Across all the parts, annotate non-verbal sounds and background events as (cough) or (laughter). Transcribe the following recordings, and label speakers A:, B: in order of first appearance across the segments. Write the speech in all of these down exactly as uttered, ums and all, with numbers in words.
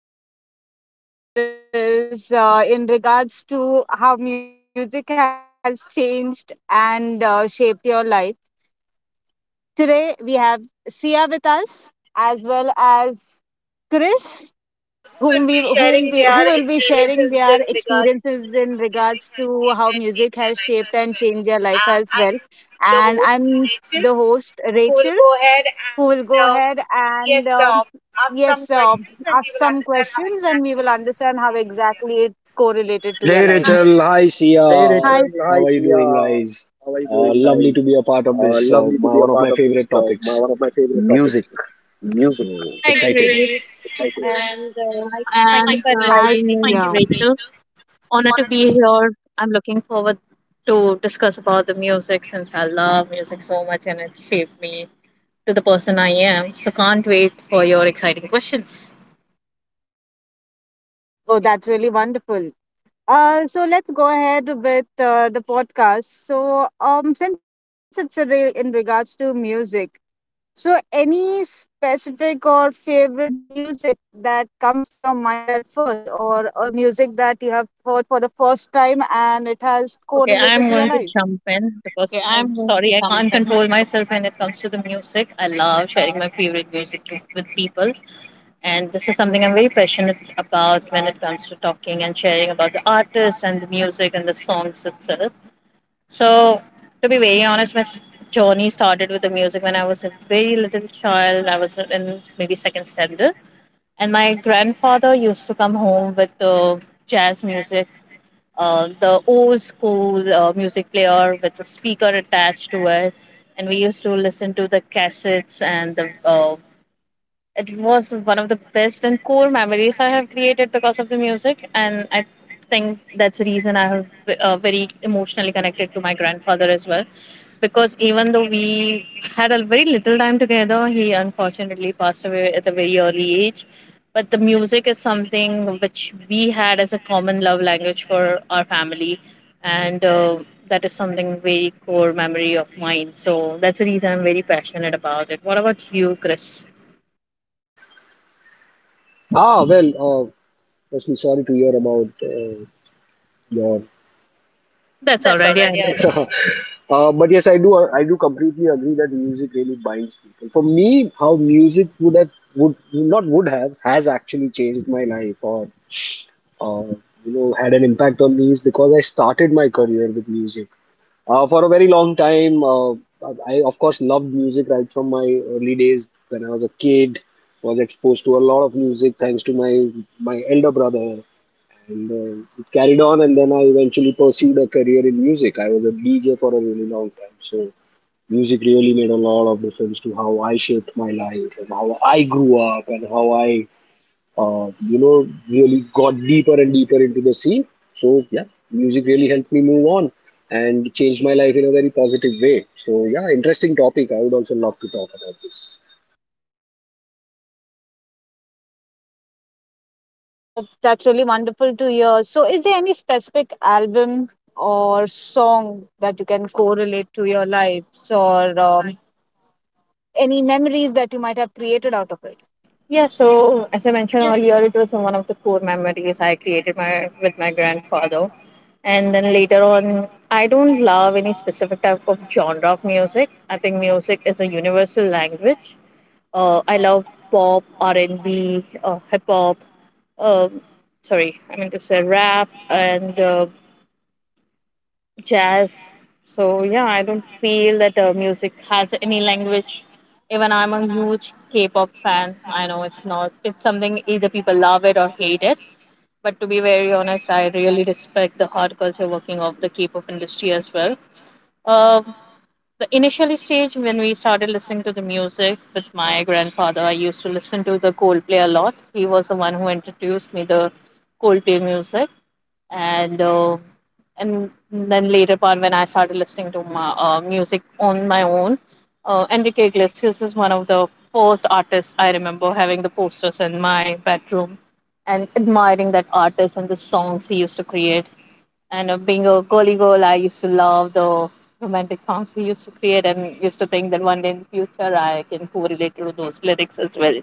A: pos- Podcast that is uh, in regards to how music has changed and uh, shaped your life. Today we have Sia with us as well as Chris whom we whom we who will be sharing their experiences in regards to how music has shaped and changed their life as well. And I'm the host Rachel who will go ahead and, um, yes, uh, ask some questions and we will understand how to their lives.
B: Hey Rachel,
A: Hi,
B: how-
C: Uh, lovely to
B: it's
C: meet you.
B: music. So
C: Hi,
B: excited.
C: Grace, and uh, I thank you
A: and
C: for
A: uh, hi,
C: inviting
A: thank
C: me,
A: you. Yeah.
C: Rachel. Honored to be here. I'm looking forward to discuss about the music since I love music so much and it shaped me to the person I am. So can't wait for your exciting questions.
A: Oh, that's really wonderful. Uh, so let's go ahead with uh, the podcast. So, um, since it's a re- in regards to music, so any specific or favorite music that comes to your mind at first, or a music that you have heard for the first time and it has
C: Okay,
A: correlated to
C: I'm
A: your
C: going to
A: life?
C: jump in because I'm sorry, I can't control myself when it comes to the music. I love sharing my favorite music with with people. And this is something I'm very passionate about when it comes to talking and sharing about the artists and the music and the songs itself. So, to be very honest, my s- journey started with the music when I was a very little child. I was in maybe second standard. And my grandfather used to come home with the jazz music, uh, the old school uh, music player with a speaker attached to it. And we used to listen to the cassettes and the uh, it was one of the best and core memories I have created because of the music. And I think that's the reason I have uh, very emotionally connected to my grandfather as well. Because even though we had a very little time together, he unfortunately passed away at a very early age. But the music is something which we had as a common love language for our family. And uh, that is something very core memory of mine. So that's the reason I'm very passionate about it. What about you, Chris?
B: Ah, well, uh, firstly, sorry to hear about uh, your.
C: That's all right. Yeah, I will.
B: (laughs) Uh, but yes, I do. I do completely agree that music really binds people. For me, how music would have would not would have has actually changed my life. Or uh, you know had an impact on me is because I started my career with music. Uh, for a very long time, uh, I of course loved music right from my early days when I was a kid. Was exposed to a lot of music thanks to my my elder brother, and uh, it carried on. And then I eventually pursued a career in music. I was a D J for a really long time, so music really made a lot of difference to how I shaped my life and how I grew up and how I uh, you know, really got deeper and deeper into the scene. So yeah, music really helped me move on and changed my life in a very positive way. So yeah, interesting topic. I would also love to talk about this.
A: Oh, that's really wonderful to hear. So, is there any specific album or song that you can correlate to your lives, or um, any memories that you might have created out of it?
C: Yeah, so as I mentioned earlier, it was one of the core memories I created my with my grandfather. And then later on, I don't love any specific type of genre of music. I think music is a universal language. Uh, I love pop, R and B, uh, hip hop. Uh, Sorry, I mean to say rap and uh, jazz. So yeah, I don't feel that uh, music has any language. Even I'm a huge K-pop fan. I know it's not. It's something either people love it or hate it. But to be very honest, I really respect the hard culture working of the K-pop industry as well. Uh, the initially stage when we started listening to the music with my grandfather, I used to listen to the Coldplay a lot. He was the one who introduced me the Coldplay music and uh, and then later part when I started listening to my uh, music on my own, uh, Enrique Iglesias is one of the first artists I remember having the posters in my bedroom and admiring that artist and the songs he used to create. And uh, being a girly girl, I used to love the romantic songs he used to create and used to think that one day in the future I can correlate to those lyrics as well.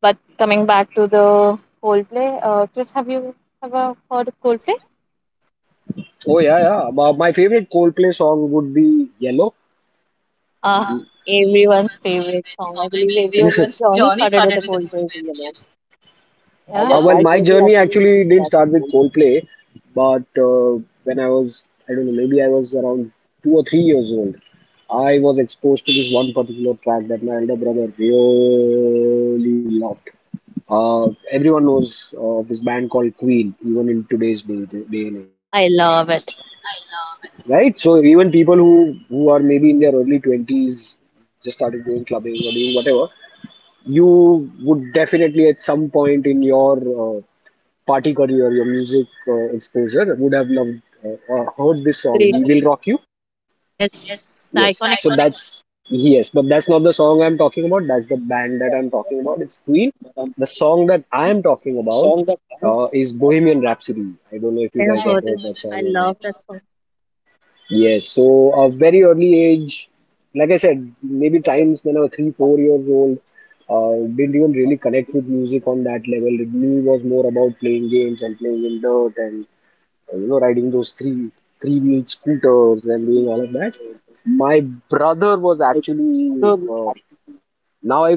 C: But coming back to the Coldplay, uh, Chris, have you ever heard of Coldplay?
B: Oh yeah, yeah. My, my favorite Coldplay song would be Yellow.
C: Uh,
B: Ah,
C: Everyone's
B: everyone's
C: favorite
B: favorite
C: song. I
B: song, I
C: believe
B: believe. (laughs)
C: everyone's
B: Everyone's
C: journey
B: journey
C: started with
B: started
C: a
B: with the
C: cold Case
B: Coldplay.
C: yellow. Yeah. Uh, well,
B: Uh, well,
C: my
B: my
C: journey
B: journey
C: actually
B: actually didn't
C: started
B: start with
C: cold.
B: Coldplay, but uh, when I was, I don't know, maybe I was around two or three years old, I was exposed to this one particular track that my elder brother really loved. Uh, everyone knows of this band called Queen, even in today's day, day and age,
C: I love it.
B: right? So even people who who are maybe in their early twenties just started going clubbing or doing whatever. You would definitely at some point in your uh, party career, or your music uh, exposure, would have loved uh, or heard this song,
C: Agreed.
B: We Will Rock You.
C: Yes,
B: Yes.
C: it's the iconic
B: So
C: one.
B: that's, yes, but that's not the song I'm talking about. That's the band that I'm talking about. It's Queen. The song that I am talking about uh, is Bohemian Rhapsody. I don't know
C: I
B: if you
C: have
B: guys have
C: heard it.
B: that
C: I
B: song or not.
C: love that song.
B: Yes, so a very early age, like I said, maybe times when I was three, four years old, uh, didn't even really connect with music on that level. It me was more about playing games and playing in dirt and uh, you know, riding those three three wheeled scooters and doing all of that. My brother was actually uh,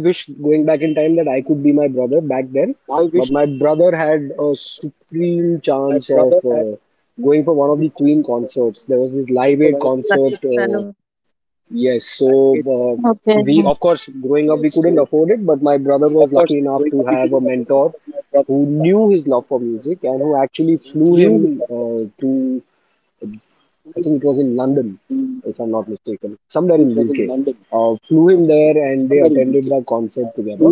B: going back in time that I could be my brother back then, but my brother had a supreme chance of uh, going for one of the Queen concerts. There was this Live Aid
A: Okay.
C: Lucky
B: concert.
C: fellow.
B: Uh, yes, so uh, we of growing up we couldn't afford it, but my brother was lucky enough to have a mentor who knew his love for music and who actually flew him uh, to, it was in London if I'm not mistaken, somewhere in U K. Uh, flew there and they attended the concert together.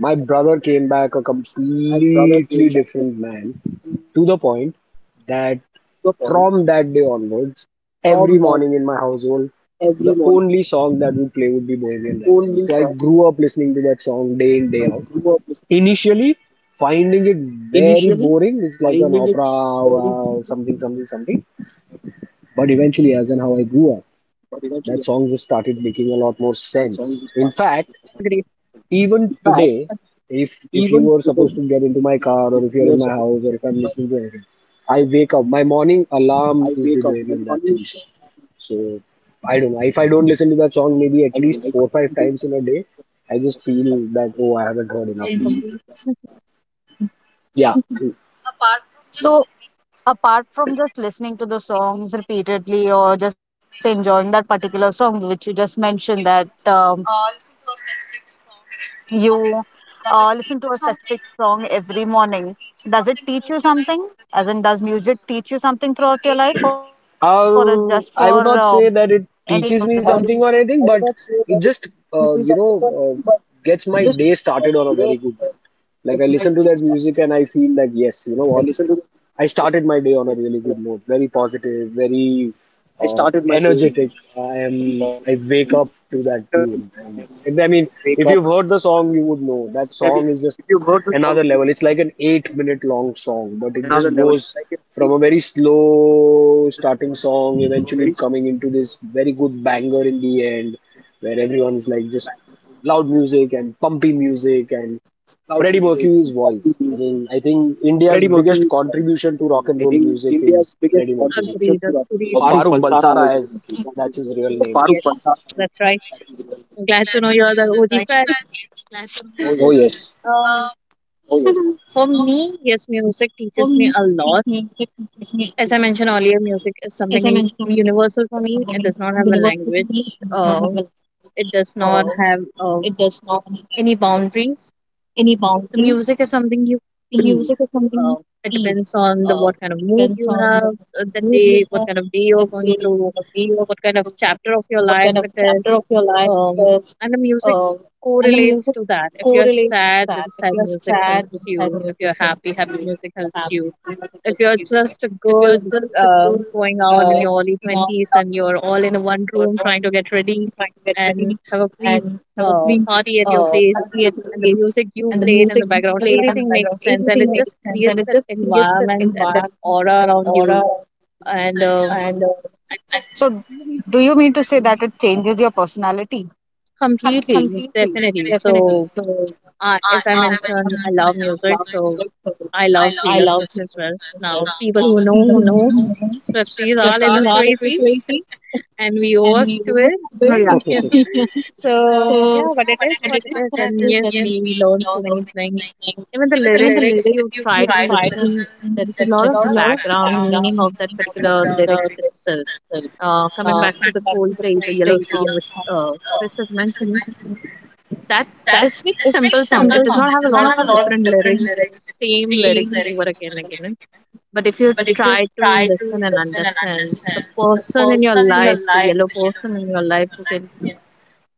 B: My brother came back a completely different man, to the point that from that day onwards, every morning in my household, the only song that would play would be Bohemian Rhapsody. So I grew up listening to that song day in, day out. Very boring, it's like an opera, or something, something, something. But eventually, as and how I grew up, that song just started making a lot more sense. In
C: Agreed.
B: if if you are supposed to get into my car or if you're in my house or if I'm listening to anything, I wake up. My morning alarm is the Bohemian Rhapsody song. So I don't know. If I don't listen to that song, maybe at least four or five times in a day, I just feel that, oh, I haven't heard enough music.
C: Incomplete.
B: Yeah,
A: So apart from just listening to the songs repeatedly or just enjoying that particular song which you just mentioned that um, you uh, listen to a specific song every morning, does it teach you something? As in, does music teach you something throughout your life or is just for um, entertainment or just listening to
B: um,
A: it?
B: I would not say that it teaches me something or anything, but it just uh, you know uh, gets my day started on a very good note. Like I listen to that music and I feel like, yes, you know what, I started my day on a really good note, very positive, very uh, energetic. I am. I wake to that tune. And, I mean, if you heard the song, you would know that song is just another level. It's like an eight-minute long song, but it just goes from a very slow starting song, eventually coming into this very good banger in the end, where everyone's like just loud music and pumpy music and Freddie Mercury's voice. I mean, I think contribution to rock and roll music is Freddie Mercury.
C: Agreed. Agreed.
B: Or
C: Farooq
B: Farooq
C: Balsara
B: Balsara,
C: is
B: as
C: that's
B: that's
C: his
B: his
C: real
B: real
C: name.
B: name.
C: Yes, that's right.
A: Right.
C: I'm glad to know you're the O G fan. Oh
B: Oh,
C: yes.
A: (laughs)
C: (laughs)
B: yes.
A: Mhm.
C: Um, for me, yes, music teaches me a lot. As I mentioned earlier, music is something u- universal for me. It does not have a language. Uh, it does not have uh, any boundaries. The music is something you feel. Uh, it depends on the what kind of mood you have uh, that day, what kind of day you're going through, what kind of chapter of your life it is. Um, and the music correlates to that. If you're sad, then sad music helps you. If you're happy, happy music helps you if you're just a girl uh, going out in your early twenties and you're all in a one room trying to get ready and have a pre uh, party at your place and the music you played in the background everything makes sense and it just creates that environment and that aura around you and uh,
A: So, do you mean to say that it changes your personality?
C: completely, definitely so. Uh, as I mentioned, I love music, so I love Taylor Swift as well. Now, people who know who knows, Swifties are a little crazy, (laughs) and we owe
A: Work.
C: up to
A: Oh,
C: it.
A: yeah.
C: (laughs) Yeah. So yeah, but it is what it is, and yes, we learn so many things. Even the lyrics, if you try to listen, there is a lot of background meaning of that particular lyrics itself. Uh, coming back to the Coldplay, the Yellow song, which uh, Chris has mentioned, that is a simple song. It does not have a lot of different lyrics. It's same lyrics over again and again. But if you try to listen and understand the person in your life, the yellow person in your life who can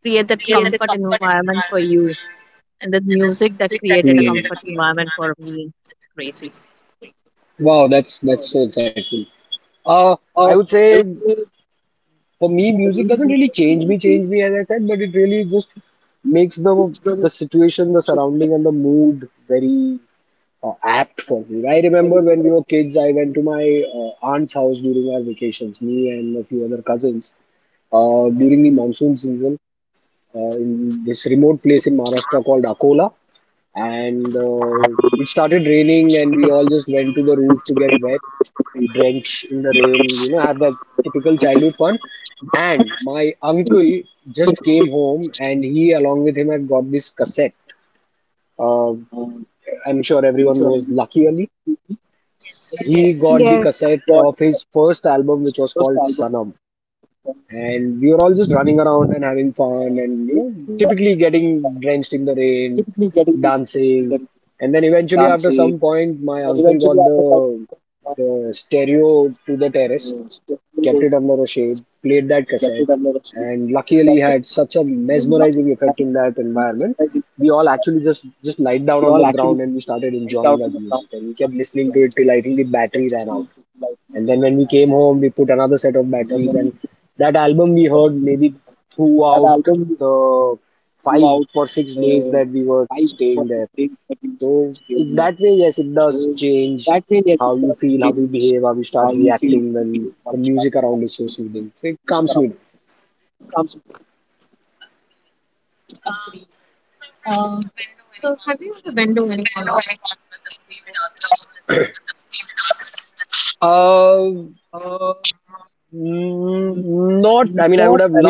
C: create that comfort environment for you and the music that
B: Then. Hmm.
C: created a comfort environment
B: Hmm.
C: for me, it's crazy.
B: Wow, that's that's so insightful. Uh, I would say for me, music doesn't really change me, change me as I said, but it really just makes the the situation, the surrounding, and the mood very uh, apt for me. I remember when we were kids, I went to my uh, aunt's house during our vacations, me and a few other cousins, uh, during the monsoon season, uh, in this remote place in Maharashtra called Akola. And uh, it started raining, and we all just went to the roof to get wet, drenched in the rain, you know, have that typical childhood fun. And my uncle just came home, and he, along with him, had got this cassette. Uh, I'm sure everyone knows Lucky Ali,
C: Yes,
A: Yes,
B: but the cassette of his first album, which was called Sanam. And we were all just running around and having fun, and you know, typically drenched in the rain, thing. And then even at some point, my uncle got the the stereo to the terrace under the shade, played that cassette, and luckily had such a mesmerizing effect in that environment. We all just lied down on the ground and we started enjoying that music, and we kept listening to it till I think the battery ran out. And then when we came home, we put another set of batteries, and the album we heard maybe through the place that we were staying there. So it, that yes, it does change feel, how you behave, how you start reacting when the music around is so soothing. It calms me down.
C: agreed. Uh, so have you ever been to any concerts with your with the favorite artist you listen to? Something like that? Uh,
B: Uh, mm, Not, I mean, I would have loved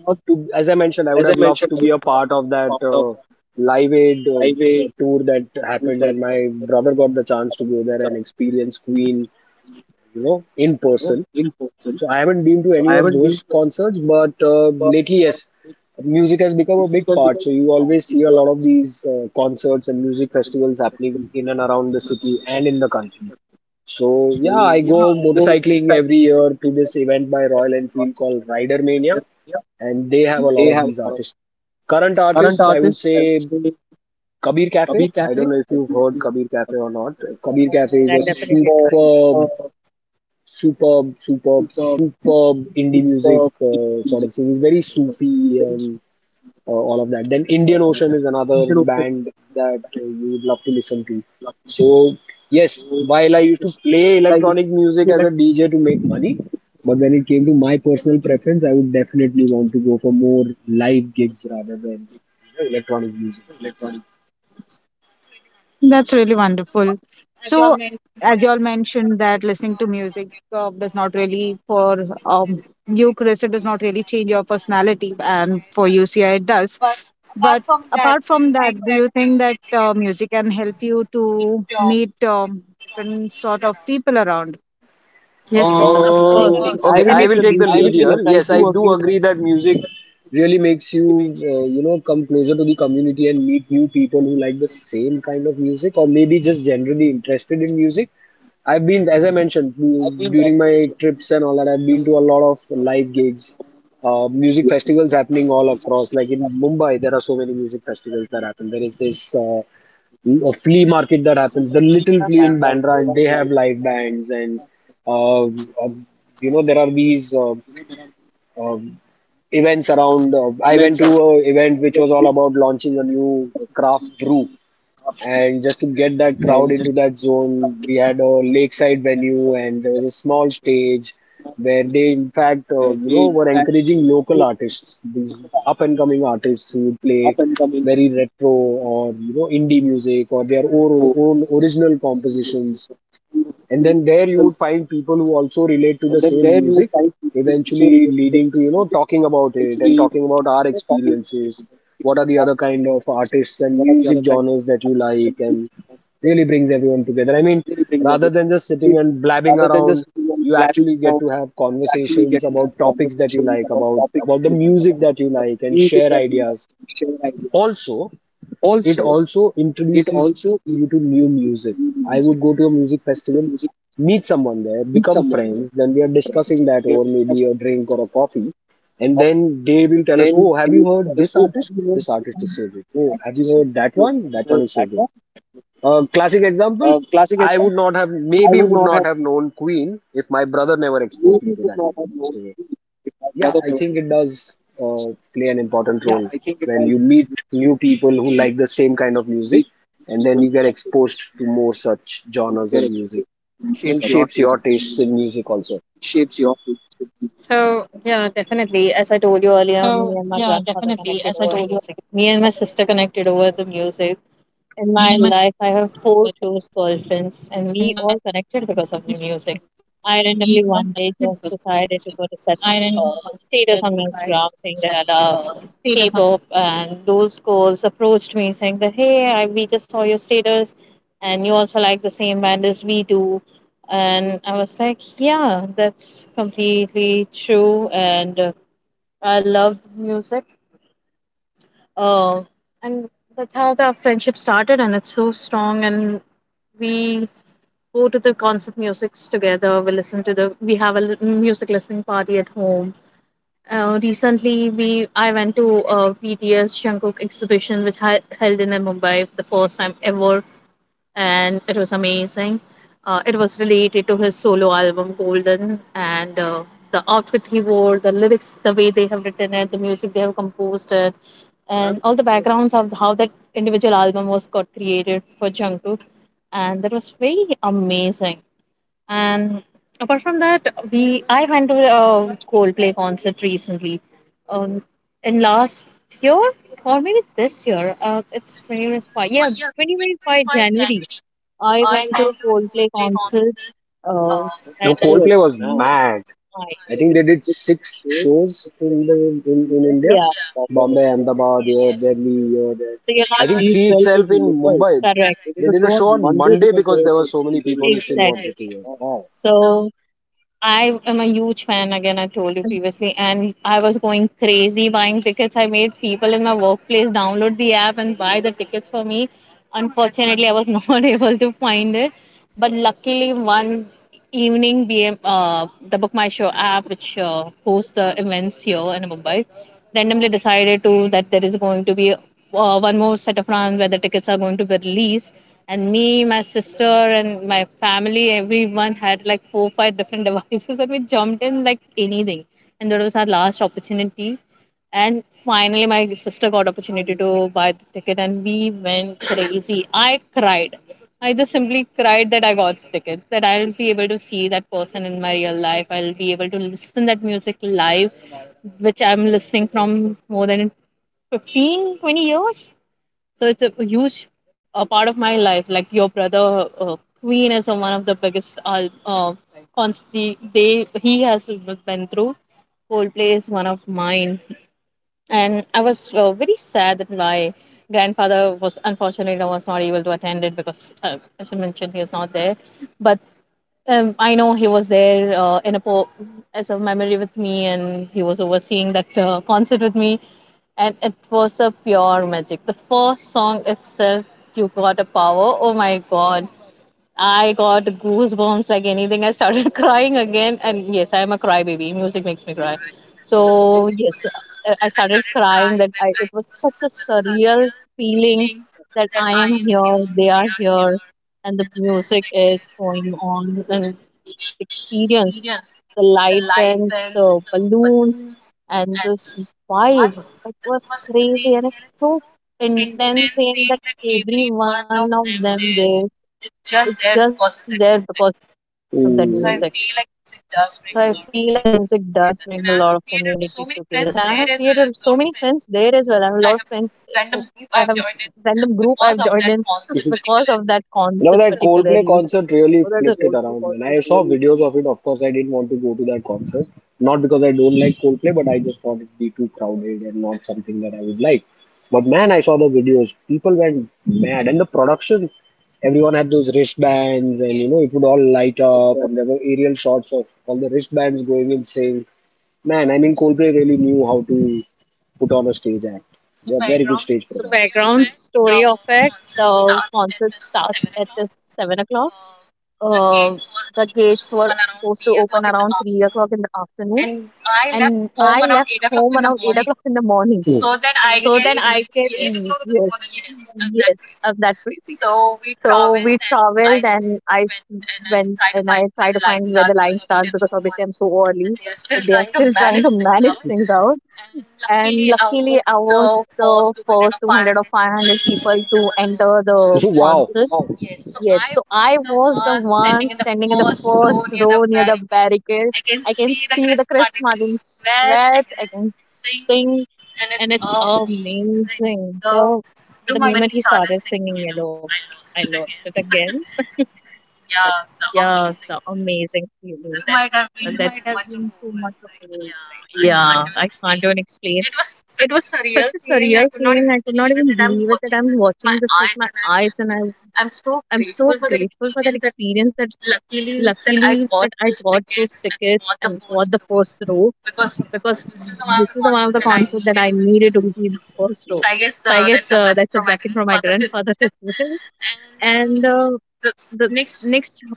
B: to, as I mentioned, I would have loved to be a part of that uh, Live Aid uh, tour that happened, and my brother got the chance to go there and experience Queen, you know, in person. So I haven't been to any of those concerts, but uh, lately, yes, music has become a big part. So you always see a lot of these uh, concerts and music festivals happening in and around the city and in the country. So yeah, I go motorcycling every year to this event by Royal Enfield called Rider Mania, and they have a lot of these artists. So, I would say, I don't know if you've heard Kabir Cafe or not. Kabir Cafe
C: But
B: is
C: I
B: a
C: definitely
B: super superb, superb, superb indie music uh, sort of thing. It's very Sufi and uh, all of that. Then Indian Ocean is another band that uh, you would love to listen to. So yes, while I used to play electronic music as a D J to make money, but when it came to my personal preference, I would definitely want to go for more live gigs rather than you know, electronic music gigs.
A: that's really wonderful. So, as you all mentioned, that listening to music uh, does not really, for um, you, Chris, it does not really change your personality, and for U C I, it does. But apart from that, do you think that uh, you to meet um, different sort of people around,
C: Yes, Uh, of
B: Uh,
C: course.
A: connect
C: I
B: okay,
C: will
B: I
C: take
B: will
C: the
B: take the
C: lead here.
B: lead here.
C: Yes, I
B: Yes, I
C: do
B: do
C: agree
B: agree that music really makes you, uh, you know, come closer to the community and meet new people who like the same kind of music or maybe just generally interested in music. I've been, as I mentioned, du- during my trips and all that, I've been to a lot of live gigs, uh, music festivals happening all across. Like in Mumbai, there are so many music festivals that happen. There is this. Uh, a flea market that happens, the
C: that
B: Little
C: India
B: Flea in,
C: and
B: yeah,
C: Bandra, they
B: Bandra, and
C: have
B: they
C: like
B: have live bands, and uh, uh, you know there are these uh, um events around. Uh, I went to a event which was all about launching a new craft brew, and just to get that crowd into that zone, we had a lakeside venue, and there was a small stage where they, uh, you know, were encouraging local artists. These upcoming artists who play very retro or you know indie music or their own, own original compositions, people who also relate to the same music, eventually leading to you know talking about it and talking about our experiences, kind of artists and music genres that you like, and really brings everyone together. I mean, just sitting and being around, you actually get to have conversations that you like about about the music that you like and share ideas, also introduces you to new music. I would go to a music festival, meet someone there, become friends, then we are discussing that over maybe a drink or a coffee. And then they will tell us, oh, have you heard this artist? This artist is so good. Oh, have you heard that one? That one is so good. A classic example, I would not have, maybe would not have known Queen if my brother never exposed me to that music. So yeah, I think it does play an important role when you meet new people who like the same kind of music, and then you get exposed to more genres and music and
C: shapes your
B: shapes your
C: taste in
B: tastes
C: music.
B: in music.
C: So yeah, definitely. As I told you earlier, me and my grandfather connected over music. Me and my sister connected over the music. In my life, I have four close girlfriends, and we all connected because of the music. I randomly one day just decided to put a set uh, status on my Instagram saying that I love K-pop, and those girls approached me saying that, "Hey, I, we just saw your status, and you also like the same band as we do." And I was like, "Yeah, that's completely true," and uh, I loved music, uh, and that's how the friendship started, and it's so strong. And we go to the concert musics together. We listen to the. We have a li- music listening party at home. Uh, recently, we I went to a B T S Jungkook exhibition, which I held in uh, Mumbai for the first time ever, and it was amazing. Uh, it was related to his solo album Golden, and uh, the outfit he wore, the lyrics, the way they have written it, the music they have composed it and all the backgrounds of how that individual album was got created for Jungkook, and that was very amazing. And apart from that, we I went to a Coldplay concert recently, um, in last year or maybe this year. Uh, it's twenty twenty five. Yeah, twenty twenty five January. I went to Coldplay concert. Uh, at,
B: No, Coldplay was mad.
C: I-
A: I think
B: I
A: they
B: think they
A: did
B: did
A: stick.
B: six shows in the in, in India.
C: yeah.
B: Bombay, Ahmedabad, here, yes, Delhi, here, there.
C: So you're not
B: I think
C: She
B: three
C: itself is
B: itself
C: in
B: in
C: Mumbai.
B: Mumbai.
C: Correct. It is
B: They
C: a
B: did
C: show
B: a
C: on
B: show on
C: Monday
B: Monday
C: because there
B: because
C: were
B: there
C: so
B: were so
C: many
B: many
C: people in
B: people
C: Mumbai.
B: who still
C: Exactly.
B: wanted to hear.
C: Mumbai.
B: Wow.
C: So
A: I
C: I am
A: am a,
C: a huge fan, again, I told you previously, and I was going crazy buying tickets. I made people in my workplace download the app and buy the tickets for me.
A: oh, unfortunately
C: Unfortunately,
A: I
C: I
A: was
C: was
A: not (laughs)
C: not
A: editing
C: (laughs) able to find it. But luckily, one evening, B M, uh, the Book My Show app, which uh, hosts the events here in Mumbai, randomly decided to that there is going to be uh, one more set of rounds where the tickets are going to be released and me, my sister, and my family, everyone had like four, five different (laughs) devices, and we jumped in like anything. And that was our last opportunity. And finally, my sister got opportunity to buy the ticket, and we went crazy. I cried. I just simply cried that I got the ticket, that I'll be able to see that person in my real life. I'll be able to listen that music live, which I'm listening from more than fifteen, twenty years. So it's a huge uh, part of my life. Like your brother, uh, Queen, is uh, one of the biggest al- uh, cons- the- they he has been through. Coldplay is one of mine, and I was uh, very sad that my grandfather was unfortunately was not able to attend it because, uh, as I mentioned, he was not there. But um, I know he was there uh, in a po- as a memory with me, and he was overseeing that uh, concert with me and it was a pure magic. The first song itself, You Got a Power. Oh my god. I got goosebumps like anything. I started (laughs) crying
A: again,
C: again.
A: and
C: And
A: yes,
C: yes,
A: I
C: I
A: am
C: am
A: a
C: a
A: crybaby.
C: crybaby.
A: Music
C: Music
A: makes
C: makes
A: me
C: me
A: cry.
C: cry.
A: So
C: So,
A: we
C: yes, uh, I started crying. That I, it was such a surreal feeling that I am here, they are here, and the music is going on. And experience the light pens, the balloons, and the vibe. It was crazy and it's so intense saying that every one of them there is just there because of that music. So I
B: So
C: feel like music does bring a lot of community together. And
A: did
C: I have
A: together, and
C: created
A: I
C: so
A: have
C: many
A: created.
C: friends there as well. I have a lot of friends. Who- I have random group I've joined in (laughs) because of that concert
B: (laughs)
C: particularly. Oh,
B: you
C: that
B: know,
C: So-
B: that, so,
C: Coldplay
B: Coldplay
C: concert
B: concert
C: really.
B: really flipped it around, man. I saw videos of it. Of course, I didn't want to go to that concert. Not because I don't like Coldplay, but I just thought it'd be too crowded and not something that I would like. But man, I saw the videos. People went mad. And the production, everyone had those wristbands and, you know, it would all light
C: Yes.
B: up. And there were aerial shots of all the wristbands going in sync. Man, I mean, Coldplay really knew how to put on a stage act. so They're very good background stage
C: So
B: performers.
C: background story of it: the concert starts at uh, seven o'clock. Um the gates were supposed to open around three o'clock in the afternoon, and I left around eight o'clock in the morning.
B: Hmm.
A: But
C: So
A: then
C: then
A: seriously?
C: I
A: I Seriously?
C: can
A: Yes, eight o'clock
C: yes,
A: in the morning. Yes,
C: yes,
A: I'm
C: I'm
A: that
C: that
A: crazy.
C: crazy. So we traveled, and I s- went and I tried to find where the line starts because obviously I'm so early that they are still trying to manage things out, and luckily I was the first two hundred or five hundred people to enter
B: (laughs)
C: the
B: wow.
C: concert. Wow. Yes, so I was the one standing in the first row near the barricade. I can see the Chris Martin sweat, I can sing, and it's amazing. So
A: So the
C: the
A: you might- moment
C: moment
A: might... he
C: he started
A: started
C: singing,
A: singing
C: you
A: "Yellow,"
C: know
A: I
C: I lost
A: lost
C: it
A: it
C: again.
A: again.
C: (laughs) But
A: Yeah,
C: yeah,
A: the
C: the amazing
A: amazing feeling.
C: feeling. And
A: You
C: you
A: and
C: that's
A: might
C: might
A: have
C: have been
A: been
C: too
A: too
C: much
A: much
C: of
A: of
C: the world,
A: overwhelmed, right?
C: right?
A: Yeah,
C: Yeah, I
A: I
C: can't
A: can't even
C: even explain.
A: explain.
C: It
A: It was
C: was such
A: such a
C: a surreal
A: surreal
C: feeling.
A: feeling.
C: I
A: I could
C: could
A: not
C: not
A: even
C: even
A: believe
C: believe it
A: it that
C: that
A: I'm
C: I'm
A: watching
C: watching this
A: this
C: with
A: with
C: my
A: my
C: eyes,
A: eyes and
C: and
A: I
C: I'm
A: I'm
C: I'm
A: so
C: so grateful
A: grateful for
C: for that
A: that experience.
C: experience. That luckily that I got those tickets and got the first row, because this is the one of the concert that I needed to be in the first row. So I guess uh, that's a blessing from my grandfather (laughs) as well. And uh, the s- next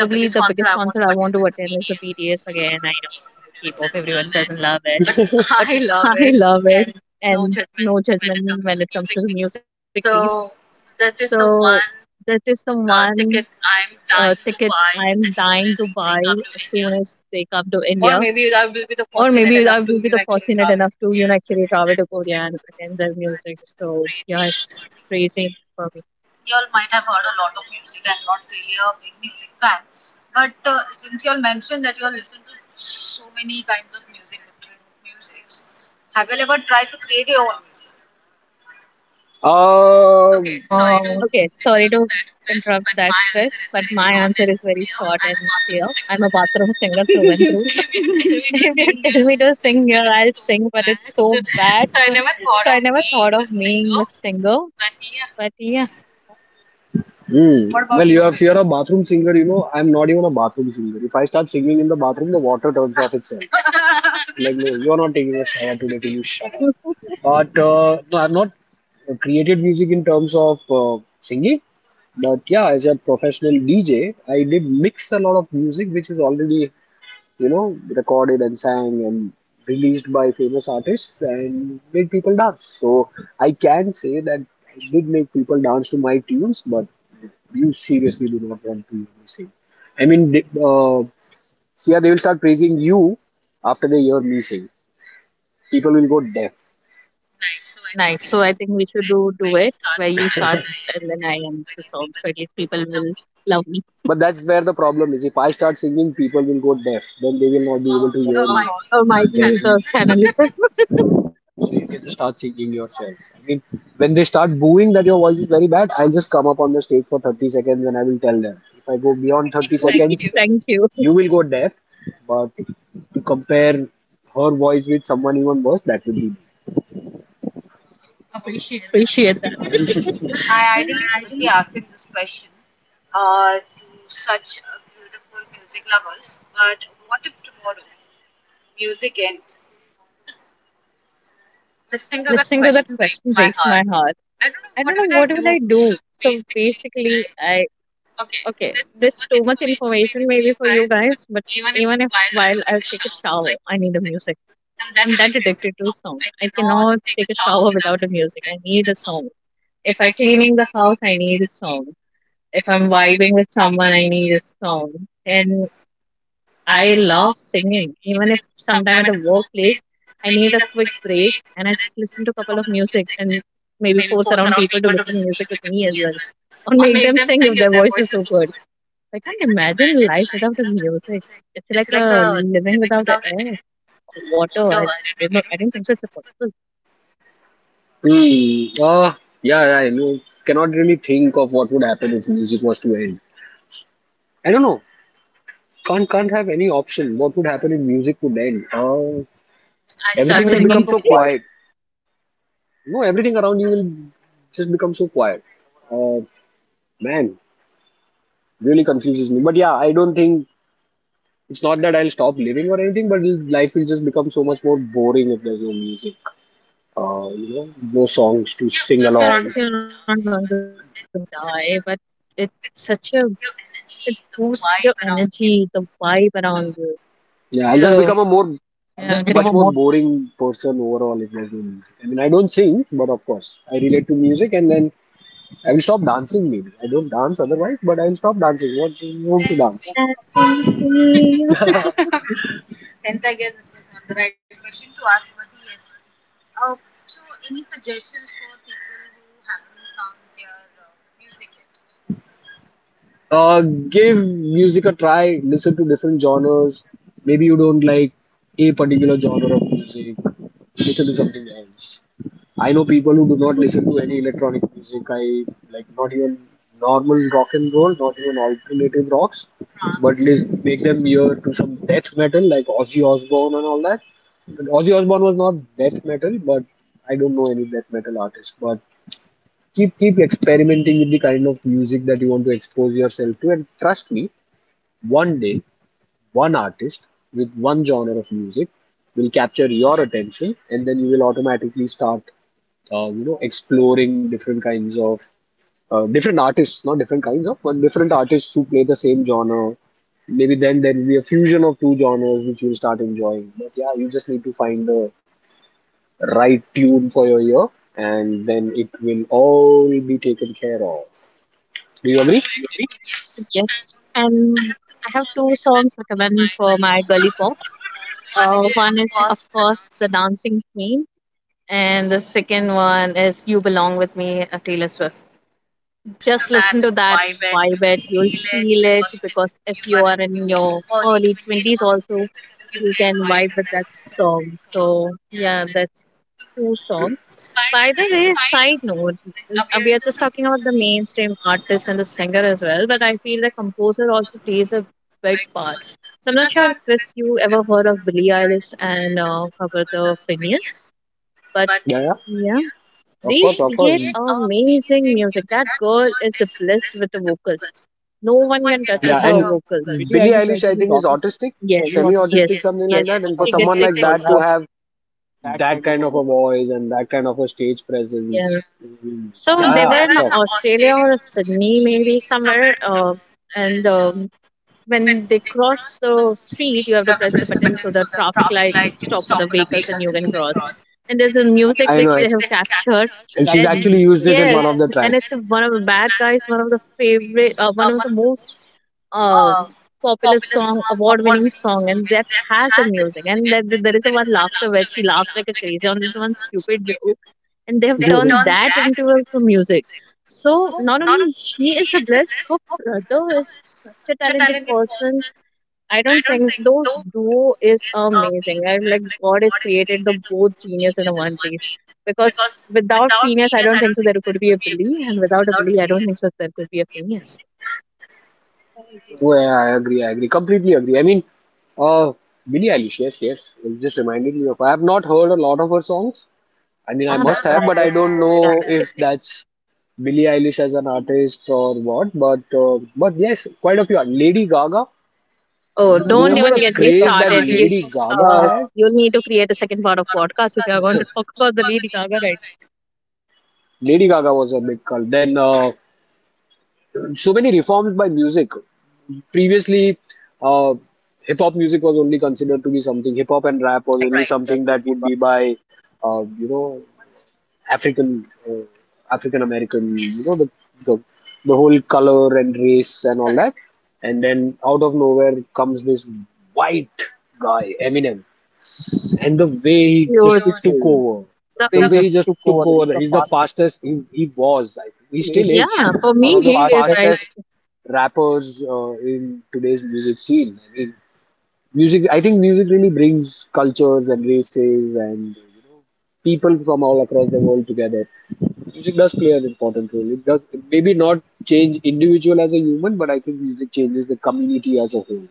C: probably the biggest concert I want to attend is the B T S again. I know K-pop, everyone doesn't love it, but
B: (laughs)
C: (laughs) I love it, and no judgment when it comes to the please. So that is the one uh, ticket I'm dying to buy as soon as they come to India. Or maybe I will be the fortunate enough to, you know, actually travel to Korea and attend their music. So yeah, it's crazy for me.
A: Y'all might have heard a lot of music. I'm not really a big music fan, but uh, since y'all mentioned that y'all listen to so many kinds of music, different musics, have you all ever tried to create your own music?
C: Uh,
A: Uh,
B: okay
A: Okay.
C: Okay,
B: Um,
C: sorry to interrupt that, Krish, but my answer is very short and clear. I'm a bathroom singer through and through. (laughs) If you tell me to sing here, I'll sing, but it's so bad. (laughs) So I never thought of being a singer, but yeah.
B: hmm. What about,
A: Fuck
B: well,
A: you,
B: you if
A: Chris.
B: you're a bathroom singer, you know, I'm not even a bathroom singer. If I start singing in the bathroom, the water turns off itself. (laughs) Like, no, you're not taking a
A: (laughs)
B: shower today. Can you shut.
C: (laughs)
B: But uh, no, I've not created music in terms of uh, singing. But yeah, as a professional D J, I did mix a lot of music which is already, you know, recorded and sang and released by famous artists and made people dance. So I can say that I did make people dance to my tunes, but you seriously do not want to hear me sing. I mean, they, uh, see, yeah, they will start praising you after they hear me sing. People will go deaf.
C: Nice. So I think we should do do it where you start and then I end the song. So at least people will love me.
B: But that's where the problem is. If I start singing, people will go deaf. Then they will not be able to, oh, hear you.
C: Uh, or might
B: Then
C: leave the
B: channel,
C: channel itself.
B: so you can just start singing yourself. I mean, when they start booing that your voice is very bad, I'll just come up on the stage for thirty seconds and I will tell them. If I go beyond thirty
C: (laughs)
B: seconds, exactly,
C: Thank you.
B: you will go deaf. But to compare her voice with someone even worse, that would be.
A: Appreciate that.
C: Appreciate that.
A: I ideally shouldn't be
C: (laughs)
A: asking this question uh, to such uh, beautiful music lovers, but what if tomorrow music ends? Listening to that
C: Listening to that
A: question breaks
C: question
A: my
C: breaks
A: heart.
C: my heart.
A: I don't know
C: I
A: what
C: don't
A: we
C: know what will I do. So basically, I okay. That's too much information maybe for you guys. But even if while I take a shower, a music. I'm that addicted to sound. I cannot take a shower without a music. I need a song. If I'm cleaning the house, I need a song. If I'm vibing with someone, I need a song. And I love singing. Even if sometime at a workplace, I a quick break and I just listen to a couple of music, and maybe force around people to listen to music with me as well. (laughs) Or make them sing if their voice is so good. I can't imagine life without the music. It's like a living without the air or water. I don't know. I don't think so. It's possible.
B: Hmm. Uh, yeah, yeah, I know. Cannot really think of what would happen if music was to end. I don't know. Can't can't have any option. What would happen if music would end? Uh, I'll
C: I'll
B: start,
C: start
B: everything
C: even
B: will
C: singing.
B: become
C: Of
B: so singing,
C: wine.
B: quiet. No, everything around you will just become so quiet. Uh, Man, really confuses me. But yeah, I don't think, it's not that I'll stop living or anything, but it'll, life will just become so much more boring if there's no music. Uh, you know, no songs to, yeah, of sing because you're
C: Yeah, of
B: along.
C: course you're not going to die, but it's such a it boosts your energy, the vibe around you. So
B: Yeah, I'll, yeah, just become a
C: I just yeah,
B: more,
C: become great. A more
B: much more boring person overall if there's no music. I mean, I don't sing, but of course, I relate to music, and then
A: then I
B: I'll
A: will stop
B: stop
A: dancing
B: dancing maybe.
A: maybe. I
B: I
A: don't
B: don't
A: dance
B: dance
A: otherwise,
B: otherwise,
A: but
B: but
A: I'll
B: I'll
A: stop
B: stop
A: dancing.
B: dancing.
A: What
B: What,
A: no
B: want
A: to
B: to
A: dance?
B: dance?
A: Dancing
C: Dancing
A: queen.
C: Queen.
A: (laughs) Hence, I guess this was not the right question to ask, but yes. Uh, so, any suggestions for people who haven't found their uh, music yet? Uh,
B: Uh, Give
A: give
B: music a try. Listen to different genres. Maybe you don't like a particular genre of music. Listen to something else. I know people who do not listen to any electronic music. I like not even normal rock and roll, not even alternative rocks, but trance. Lis- make them ear to some death metal like Ozzy Osbourne and all that. And Ozzy Osbourne was not death metal, but I don't know any death metal artist. But keep keep experimenting with the kind of music that you want to expose yourself to, and trust me, one day one artist with one genre of music will capture your attention, and then you will automatically start uh, you know, exploring different kinds of uh, different artists, not different kinds of, but different artists who play the same genre. Maybe then there will be a fusion of two genres which you'll start enjoying. But yeah, you just need to find the right tune for your ear, and then it will all be taken care of. Do you agree?
C: Yes, and I have two songs recommend for my girly folks. Uh, one is of course the Dancing Queen, and the second one is You Belong with Me, uh, Taylor Swift. Just listen to that, vibe it. You'll feel it because if you are in your early twenties, also you can vibe with that song. So yeah, that's two songs. By the way, side note, uh, we are just talking about the mainstream artist and the singer as well, but I composer also plays a big part. So I'm not sure, Chris, you ever heard of Billie Eilish and uh, her brother Phineas, but
B: Yeah, yeah.
C: yeah,
B: Of
C: they
B: course, they of course.
C: create amazing music. That girl is blessed with the vocals. No one can touch her
B: Yeah, and
C: vocals. Billie
B: Billie
C: Eilish, I
B: Eilish, I
C: think, is
B: think, is
C: autistic.
B: autistic,
C: Yes, very autistic, yes,
B: semi-autistic, something like
C: yes.
B: that.
C: For she
B: And for
C: someone gets
B: someone like
C: ticks who
B: that
C: also.
B: to
C: Has
B: have
C: that
B: that
C: kind of
B: kind
C: a
B: of a
C: voice.
B: voice and that kind of a stage presence.
C: Yeah.
B: Yeah. Mm,
A: so
C: So
A: they
C: they
A: were
C: were
B: yeah,
A: in
C: in
B: so
A: Australia
C: Australia
A: or
C: or Sydney,
A: Sydney, maybe
C: maybe
A: somewhere.
C: somewhere. Uh,
A: Uh,
C: and
A: and
C: um,
A: um
C: when
A: when they
C: they cross
A: cross the
C: the street,
A: street,
C: you
A: you have
C: have to
A: to press
C: press
A: the
C: the
A: button
C: button so
A: so
C: the
A: the
C: traffic
A: traffic light
C: light can
A: can stop
C: stop
A: for
C: for
A: the
C: the vehicles
A: vehicles
C: and
A: and
C: you
A: you can
C: can cross.
A: cross. And
C: And there's
A: there's a
C: a music
A: music
B: I know,
C: which
A: which
C: they
A: they have
C: have captured.
A: captured. And
C: She's
A: she's
B: and
C: and,
B: she's and
A: actually
C: actually
A: and
C: into
B: actually
A: used
C: this.
A: it
B: used
A: in one
B: it
A: of
B: in
A: the
B: one
A: yes,
C: Yes,
B: of the
A: tracks.
C: and
A: And
B: tracks.
A: it's
C: it's one
A: one
C: of the
A: of
C: bad
A: bad
C: guys,
A: guys, one
C: one of
A: of
C: the
A: the favorite,
C: favorite,
A: uh,
C: uh, one
A: one of
C: of
A: the
C: the most
A: most um,
C: um
A: popular
C: popular
A: song,
C: song,
A: award-winning
C: award-winning
A: song,
C: song,
A: and
C: and
A: that
C: that has
A: has a
C: that
A: music.
C: music.
A: And
C: And
A: that,
C: that,
A: that
C: that there
A: there is
C: is
A: a
C: a
A: one
C: one
A: laughter
C: laughter
A: where
C: where
A: she
C: she laughs
A: laughs like
C: like
A: a
C: a
A: crazy
C: crazy on
A: on
C: this
A: this one
C: one
A: stupid
C: stupid
A: joke,
C: joke,
A: and
C: and they
A: they've
C: have
A: turned
C: turned that
A: that
C: into
A: into
B: (laughs)
A: also
C: also
A: music.
C: music.
A: So
C: So
A: not
C: not only
A: only
C: she
A: he is
C: is
A: a
C: a blessed,
A: blessed, her
C: her brother
A: brother
C: is
A: is
C: such
A: such a
C: a
A: talented
C: talented person.
A: person. I
C: I don't
A: don't
C: think
A: think
C: those
A: those
C: duo
A: duo
C: is
A: is
C: amazing.
A: amazing.
C: I'm
A: I'm
C: like
A: like
C: God
A: God
C: has
A: has
C: created
A: created the
C: the both
A: both genius
C: genius in
A: in the
C: the
A: one
C: one place,
A: place
C: because
A: because. Without
C: without
A: Phineas,
C: Phineas, I
A: I
C: don't
A: don't think
C: think
A: so
C: so
A: there
C: there could
A: could be
C: be
A: a
C: a
A: Billy,
C: Billy,
A: and
C: and without
A: without a
C: a Billy,
A: Billy,
C: I
A: I
C: don't
A: don't
C: think
A: think
C: so
A: so
C: there
A: there
C: could
A: could
C: be
A: be
C: a
A: a Phineas.
C: Phineas.
A: Yeah, I agree
B: Into,
A: to
B: well, I
A: that.
B: agree,
A: Agree, I
B: I
A: agree.
B: agree,
A: Completely
B: completely
A: agree.
B: agree.
A: I
B: I
A: mean,
B: mean,
A: uh,
B: uh, Billie
A: Billie
B: Eilish,
A: Eilish, yes,
B: yes,
A: yes.
B: yes,
A: You
B: it just
A: just
B: reminded
A: reminded
B: me
A: me
B: of.
A: of. I
B: I have
A: have
B: not
A: not
B: heard
A: heard
B: a
A: a lot
B: lot
A: of
B: of
A: her
B: her
A: songs.
B: songs. I
A: I
B: mean,
A: mean,
B: I
A: I
C: Must
B: must
A: must I'm a
C: happen,
A: have,
B: have,
C: I
A: but
B: but I
A: I
B: don't
A: don't
C: don't. Yeah.
A: know
B: know
A: guy. If
B: if
A: (laughs) that's
B: that's
A: Billie
B: Billie
A: Eilish
B: Eilish
A: as
B: as
A: an
B: an
A: artist
B: artist
A: (laughs) or
B: or
A: what.
B: what.
A: But
B: But
A: uh,
B: uh,
A: but
B: but yes,
A: yes,
B: quite
A: quite
B: a
A: a
B: few.
A: few.
B: Lady
A: Lady Gaga.
B: Gaga.
C: Oh,
B: Oh,
A: Oh,
B: you don't
A: remember
C: don't
B: remember,
A: don't the
B: don't, the
C: even
B: even
A: even
C: get
B: get me,
C: me
A: get me craze
B: craze
A: that
B: that
C: started.
B: started
A: started.
C: You,
A: Lady
B: Lady
A: You, sh- Gaga
B: Gaga
C: uh,
B: had?
A: uh,
C: you'll
A: you'll
C: need to
A: need to
C: create a
A: create a
C: second
A: second
C: part of
A: part of
C: podcast if you
A: podcast
C: are
A: if you
C: going
A: are
C: to
A: going to
C: talk
A: talk
C: about the
A: about the
C: Lady
A: Lady
C: Gaga
A: Gaga
C: right
A: right now.
B: (laughs)
A: Lady
B: Lady
A: Gaga
B: Gaga
A: was
B: was
A: a
B: a
A: big
B: big
A: cult.
B: cult.
A: Then
B: Then
A: uh,
B: uh,
A: so
B: so
A: many
B: many
A: reforms
B: reforms
A: by
B: by
A: music.
B: music.
A: Previously
B: Previously,
A: uh,
B: uh,
A: hip
B: hip
A: hop
B: hop music
A: music
B: was
A: was only
B: only
A: considered
B: considered to
A: to
B: be
A: be
B: something.
A: something
B: Hip
A: hip hop
B: hop and
A: and
C: for
A: rap
B: rap
A: was
B: was
C: right.
A: only
B: only, right,
A: right.
C: Something that
A: Something
B: something
C: would
A: that
B: that
C: be
B: would
A: would be
B: be
A: by
B: by,
A: uh,
B: uh, you
A: you
B: know,
A: know African,
B: African, uh,
A: uh, African
B: African
A: American
B: American.
A: you
B: You
A: yes. Know
B: know, yes,
A: the,
B: the,
A: the
B: the the
A: the whole
B: whole
A: color
B: color
A: and
B: and
A: race
B: race
A: and
B: and all,
A: all
B: correct,
A: correct.
B: that. Correct.
A: That and
B: And
A: then
B: then
A: out
B: out
A: of
B: of
A: nowhere
B: nowhere
A: comes
B: comes this
A: this white
B: white
A: guy
B: guy,
A: Eminem
B: Eminem.
A: and
B: And
A: the
B: the way
A: way
C: wildly
A: he
B: he
A: just
B: just
C: years.
A: huge.
B: took
A: Took over,
B: over,
C: The,
A: the, The-
C: they
B: The
A: way
B: way
C: just
A: he
B: he
A: just
B: just
C: took
B: took
A: took
C: over. It's
A: over,
B: over,
C: the
A: he's
B: he's
A: the
B: the
C: fast.
A: fastest
B: fastest,
A: he,
B: he,
A: he
B: he was.
A: was.
B: I
A: I
B: think.
C: It
A: think he
B: He
C: still is.
A: still
B: still
C: Yeah,
A: is
B: is
A: yeah,
C: for
A: for
C: it's the
A: one
B: one
A: of
C: me,
B: of
A: me,
C: the
A: the
B: the
A: me, he is
C: he is fastest. Right.
A: fastest
B: fastest
A: is. (laughs)
B: rappers
A: Rappers uh,
B: uh, in
A: in today's
B: today's
A: music
B: music
A: scene.
B: scene.
A: I
B: I mean,
A: mean, music.
B: music.
A: I
B: I
A: think
B: think
A: music
B: music
A: really
B: really
A: brings
B: brings
A: cultures
B: cultures
A: and
B: and
A: races
B: races
A: and
B: and,
A: uh,
B: you
A: you
B: know,
A: know people
B: people from
A: from all
B: all
A: across
B: across the
A: the world
B: world
A: together.
B: together. Music
A: Music
B: does
A: does
B: play
A: play
B: an
A: an important
B: important
A: role.
B: role.
A: It
B: It does
A: does maybe
B: maybe
A: not
B: not change
A: change individual
B: individual as
A: as
B: a
A: a
B: human,
A: human,
B: but
A: but I
B: I
A: think
B: think music
A: it changes
B: changes the
A: the
B: community
A: community
B: as
A: as
B: a
A: a
B: whole.
A: whole.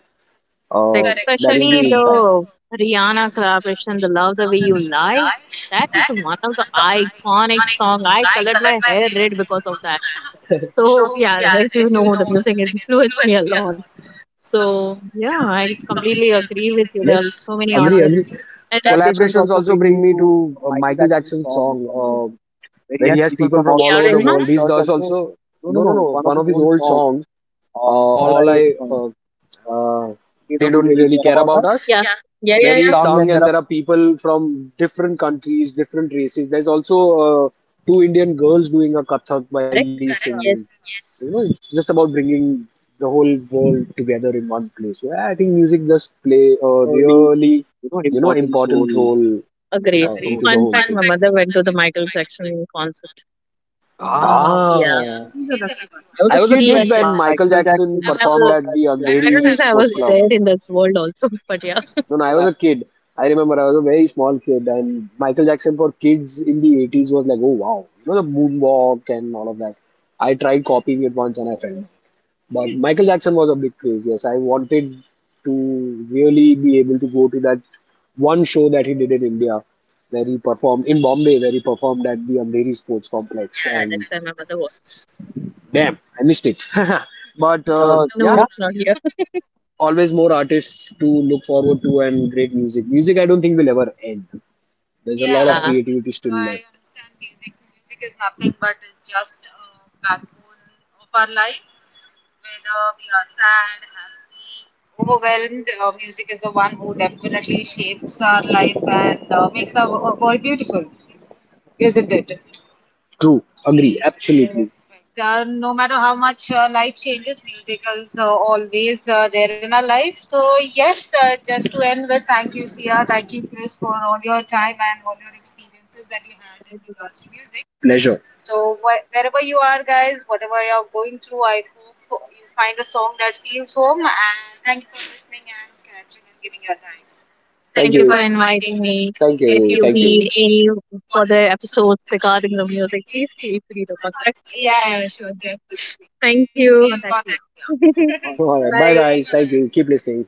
C: Uh,
A: Uh,
B: Uh,
C: Correct.
A: Correct. That
B: that is
C: Especially
B: the
A: especially
B: impact.
C: the
A: the the
C: Rihanna
A: Rihanna
C: collaboration,
A: collaboration,
C: The
A: The
C: Love
A: Love
C: the
A: the
C: Way
A: Way
C: You
A: You
C: Lie.
A: Lie.
C: That
A: That
C: is
A: is one of
C: one of
A: that's
C: the
A: the one
C: iconic
A: iconic song.
C: song.
A: I
C: I colored
A: colored
C: my
A: my hair
C: hair red
A: red
B: (laughs)
C: because
A: because
C: of
A: of
C: that.
A: that. (laughs) So,
C: So yeah,
A: yeah,
C: as
A: as
C: you
A: you know,
C: know,
A: the
C: the
A: music
C: music
A: influenced
C: influenced
A: me
C: me
A: a
C: a lot.
A: lot. So,
C: So
A: yeah,
C: yeah,
A: I
C: I completely
A: completely
C: agree
A: agree
C: with
A: with you.
C: you. There
A: There yes,
C: are
A: are
B: Yes,
C: so
A: so many
C: many
A: agree,
B: agree,
A: agree.
B: agree.
C: artists.
A: Artists.
C: And
A: And
C: collaborations
B: Collaborations
A: collaborations also
C: also
B: also
C: bring
A: bring
B: bring
C: me
B: me
A: me
C: to
A: to
B: to
A: uh,
B: uh,
C: Michael
B: Michael
A: Michael
C: Jackson's
A: Jackson's
B: Jackson's
C: song.
A: song
B: song, uh,
A: uh,
B: where
A: where
C: Where
B: he
A: he
C: he has
B: has
A: has
C: people
B: people
A: people
C: from
B: from
A: from all
C: all
B: all
A: over
B: over
C: A R.
A: A R
B: the
A: the world. Rahman?
B: world.
C: Rahman?
A: These
B: He's Rahman.
C: There's
B: Does
A: does
C: also
A: also
B: also.
A: no
C: no
B: No, no,
A: no
C: no
A: no
C: no
B: no.
C: one
B: One
A: one
C: of
B: of
A: of
C: his
B: his
A: his
C: old
B: old
A: old
C: songs.
B: songs,
A: songs.
B: uh,
A: Uh,
C: Uh, all
A: all
B: all
C: I
A: I
B: I,
C: um,
B: uh,
A: uh,
C: uh,
B: uh,
C: they
B: they
A: they
C: don't
A: don't
B: don't
C: really
B: really
A: really
C: care
B: care
A: care
C: about
B: about
A: about
C: us.
B: us.
A: us.
C: Yeah.
A: Yeah.
C: Yeah,
A: Yeah.
B: Where
C: yeah,
A: They yeah.
C: yeah,
A: In yeah.
B: he's,
C: sung
A: Sung,
C: and there
A: and
B: and
C: are
A: there
B: there
A: are
B: are
A: people
B: people
A: from
B: from different
A: different countries,
B: countries, different
A: different races.
B: races.
A: There's
B: There's
A: also
B: also uh,
A: uh, two
B: two
A: Indian
B: Indian
A: girls
B: girls doing
A: doing
B: a
A: a kathak
B: kathak
C: while
B: while
A: while
B: he's,
C: correct.
B: correct,
A: correct.
B: singing.
A: Yeah.
C: Yes.
B: Yes.
A: Yes.
B: You, yes, know, it's
A: Just
B: just about
A: about bringing
B: bringing the
A: the whole
B: whole
A: world
B: world together
A: together
B: in
A: in one
B: one place.
A: place. So
B: So
A: yeah,
B: yeah,
A: I
B: I think
A: think music
B: music
A: does
B: does
A: play
B: play
A: a
B: a
C: Really,
A: really,
B: really,
C: you know
B: you
A: you know,
B: know,
C: important
A: important
B: important
C: role.
A: role
B: role.
A: uh,
B: uh,
C: Agree.
B: Agreed.
A: agreed. Into
B: Into the
A: the
C: The
A: whole.
B: whole.
C: fun
B: Fun
A: Fun
B: thing.
C: fact, my
A: fact:
B: Fact.
A: my
C: mother
A: mother
C: went to
A: went
C: the
A: to the
C: Michael
A: Michael
C: Jackson
A: Jackson
C: concert.
A: concert.
B: Yeah.
C: Ah,
A: Ah.
B: Ah,
C: yeah.
A: Yeah.
B: yeah.
C: She's a
A: She's a
C: lucky
A: lucky I
C: one.
A: one.
C: I was
B: I
C: a
A: Was
B: was
A: a
B: a She
C: kid.
A: kid
B: kid
A: she is
B: is
C: She
B: when a
A: when a-
C: when is a,
A: Michael
B: Michael
C: Michael
A: Jackson
B: Jackson I
A: I
C: Jackson
B: was
A: was-
C: I was
A: performed
B: performed
A: at
C: performed
B: at
C: at
A: the
B: the,
A: I
B: I do
C: the um,
A: don't
C: I
A: know if
C: don't
B: Andheri I
A: Andheri I
C: think so
A: was
C: I
A: Sports
B: Sports
C: was
A: there Club.
B: Club.
A: In
C: there in
A: this
C: this
A: world
C: world
A: also, (laughs)
C: also,
A: but
C: (laughs)
A: yeah.
C: but yeah.
B: When
A: When I
C: So
B: I
C: that-
B: was
A: was a
B: a kid,
A: kid, I
B: I
A: remember
B: remember
A: I
B: I
A: was
B: was
A: a
B: a
A: very
B: very
A: small
B: small
A: kid,
B: kid, and
A: and Michael
B: Michael
A: Jackson
B: Jackson
A: for
B: for kids
A: kids
B: in
A: in the
B: the
A: eighties
B: eighties
A: was
B: was
A: like,
B: like, oh
A: oh wow,
B: wow,
A: you
B: you know,
A: know,
B: the
A: the moonwalk
B: moonwalk and
A: and all
B: all
A: of
B: of
A: that.
B: that. I
A: I
B: tried
A: tried copying
B: copying
A: it
B: it
A: once
B: once
A: and
B: and I
A: I fell
B: failed.
A: down.
B: But
A: But (laughs)
B: Michael
A: Michael
B: Jackson
A: Jackson
B: was
A: was
B: a
A: a big
B: big
A: craze,
B: craze, yes.
A: yes.
B: I
A: I wanted
B: wanted
A: to
B: to really
A: really
B: be
A: be able
B: able to
A: to go
B: go
A: to
B: to
A: that
B: that one
A: one
B: show
A: show
B: that
A: that he
B: he did
A: did in
B: in
A: India,
B: India, where
A: where
B: he
A: he performed
B: performed in
A: in Bombay,
B: Bombay, where
A: where he
B: he performed
A: performed at
B: at the
A: the
B: Andheri
A: Andheri
B: Sports
A: Sports Complex.
B: Complex.
A: Yeah, and
C: yeah,
B: And
A: that's and
C: that's
A: where my
C: where my
A: mother
C: mother
A: was.
C: was.
B: damn,
A: Damn, I
B: I missed
A: missed it.
B: it.
A: (laughs)
B: (laughs)
C: (laughs)
B: But
A: but
C: But
B: uh,
A: uh, (laughs)
C: uh,
A: no, yeah,
B: yeah,
C: no,
A: it's
C: yeah it's
A: not.
C: not here.
B: always
A: Always more
B: more artists
A: artists
B: to
A: to look
B: look
A: forward
B: forward to
A: to and
B: and
A: great
B: great
A: music.
B: music. Music,
A: Music, I
B: I
A: don't
B: don't
A: think
B: think
A: will
B: will
A: ever
B: ever end.
A: end. There's a lot of
C: Yeah.
A: yeah.
B: There's
A: Of
C: Yeah.
A: creativity.
B: creativity
A: So still.
B: still.
A: I understand music. Music is nothing but is just a backbone of our life. Whether we are sad, happy, overwhelmed, uh, music is the one who definitely shapes our life and uh, makes our wo- world beautiful, isn't it? True.
B: True, agree,
A: Agree. Absolutely.
B: absolutely.
A: Perfect. Uh, no matter how much uh, life changes, music is uh, always uh, there in our life. So, yes, uh, just to end with, thank you, Sia. Thank you, Chris, for all your time and all your experiences that you
C: You had.
A: had in
C: It.
A: regards to music. Pleasure.
B: Pleasure.
A: So, wh- wherever you are, guys, whatever you're going through, I hope you find a song that feels home. And thank you for listening and catching and giving your time. Thank
B: Thank
C: Thank
B: you.
A: you
C: you
B: you.
A: for
C: for
A: inviting
C: inviting
A: me.
C: me.
A: Thank
B: Thank
A: you.
C: If
A: If
B: If
A: you.
B: you.
C: you
A: Thank
B: Thank
A: you. Need
C: need
A: any
C: any
B: you.
A: further
C: further
A: episodes
C: episodes
A: regarding
C: regarding
A: the
C: the
A: music,
C: music,
A: please
C: please
A: feel
C: feel
A: free
C: free
A: to
C: to
A: contact.
C: contact. Yeah,
A: Yeah, yeah,
C: yeah, sure,
A: sure,
C: sure.
A: definitely.
C: Thank
A: Thank please you.
C: you. Contact
A: Contact
C: you.
A: Sia. (laughs)
C: (laughs)
B: All
A: All
B: right. Bye,
A: right.
B: guys.
A: Bye. (laughs) Bye
B: Thank
C: Bye.
B: you.
A: bye.
B: Keep listening.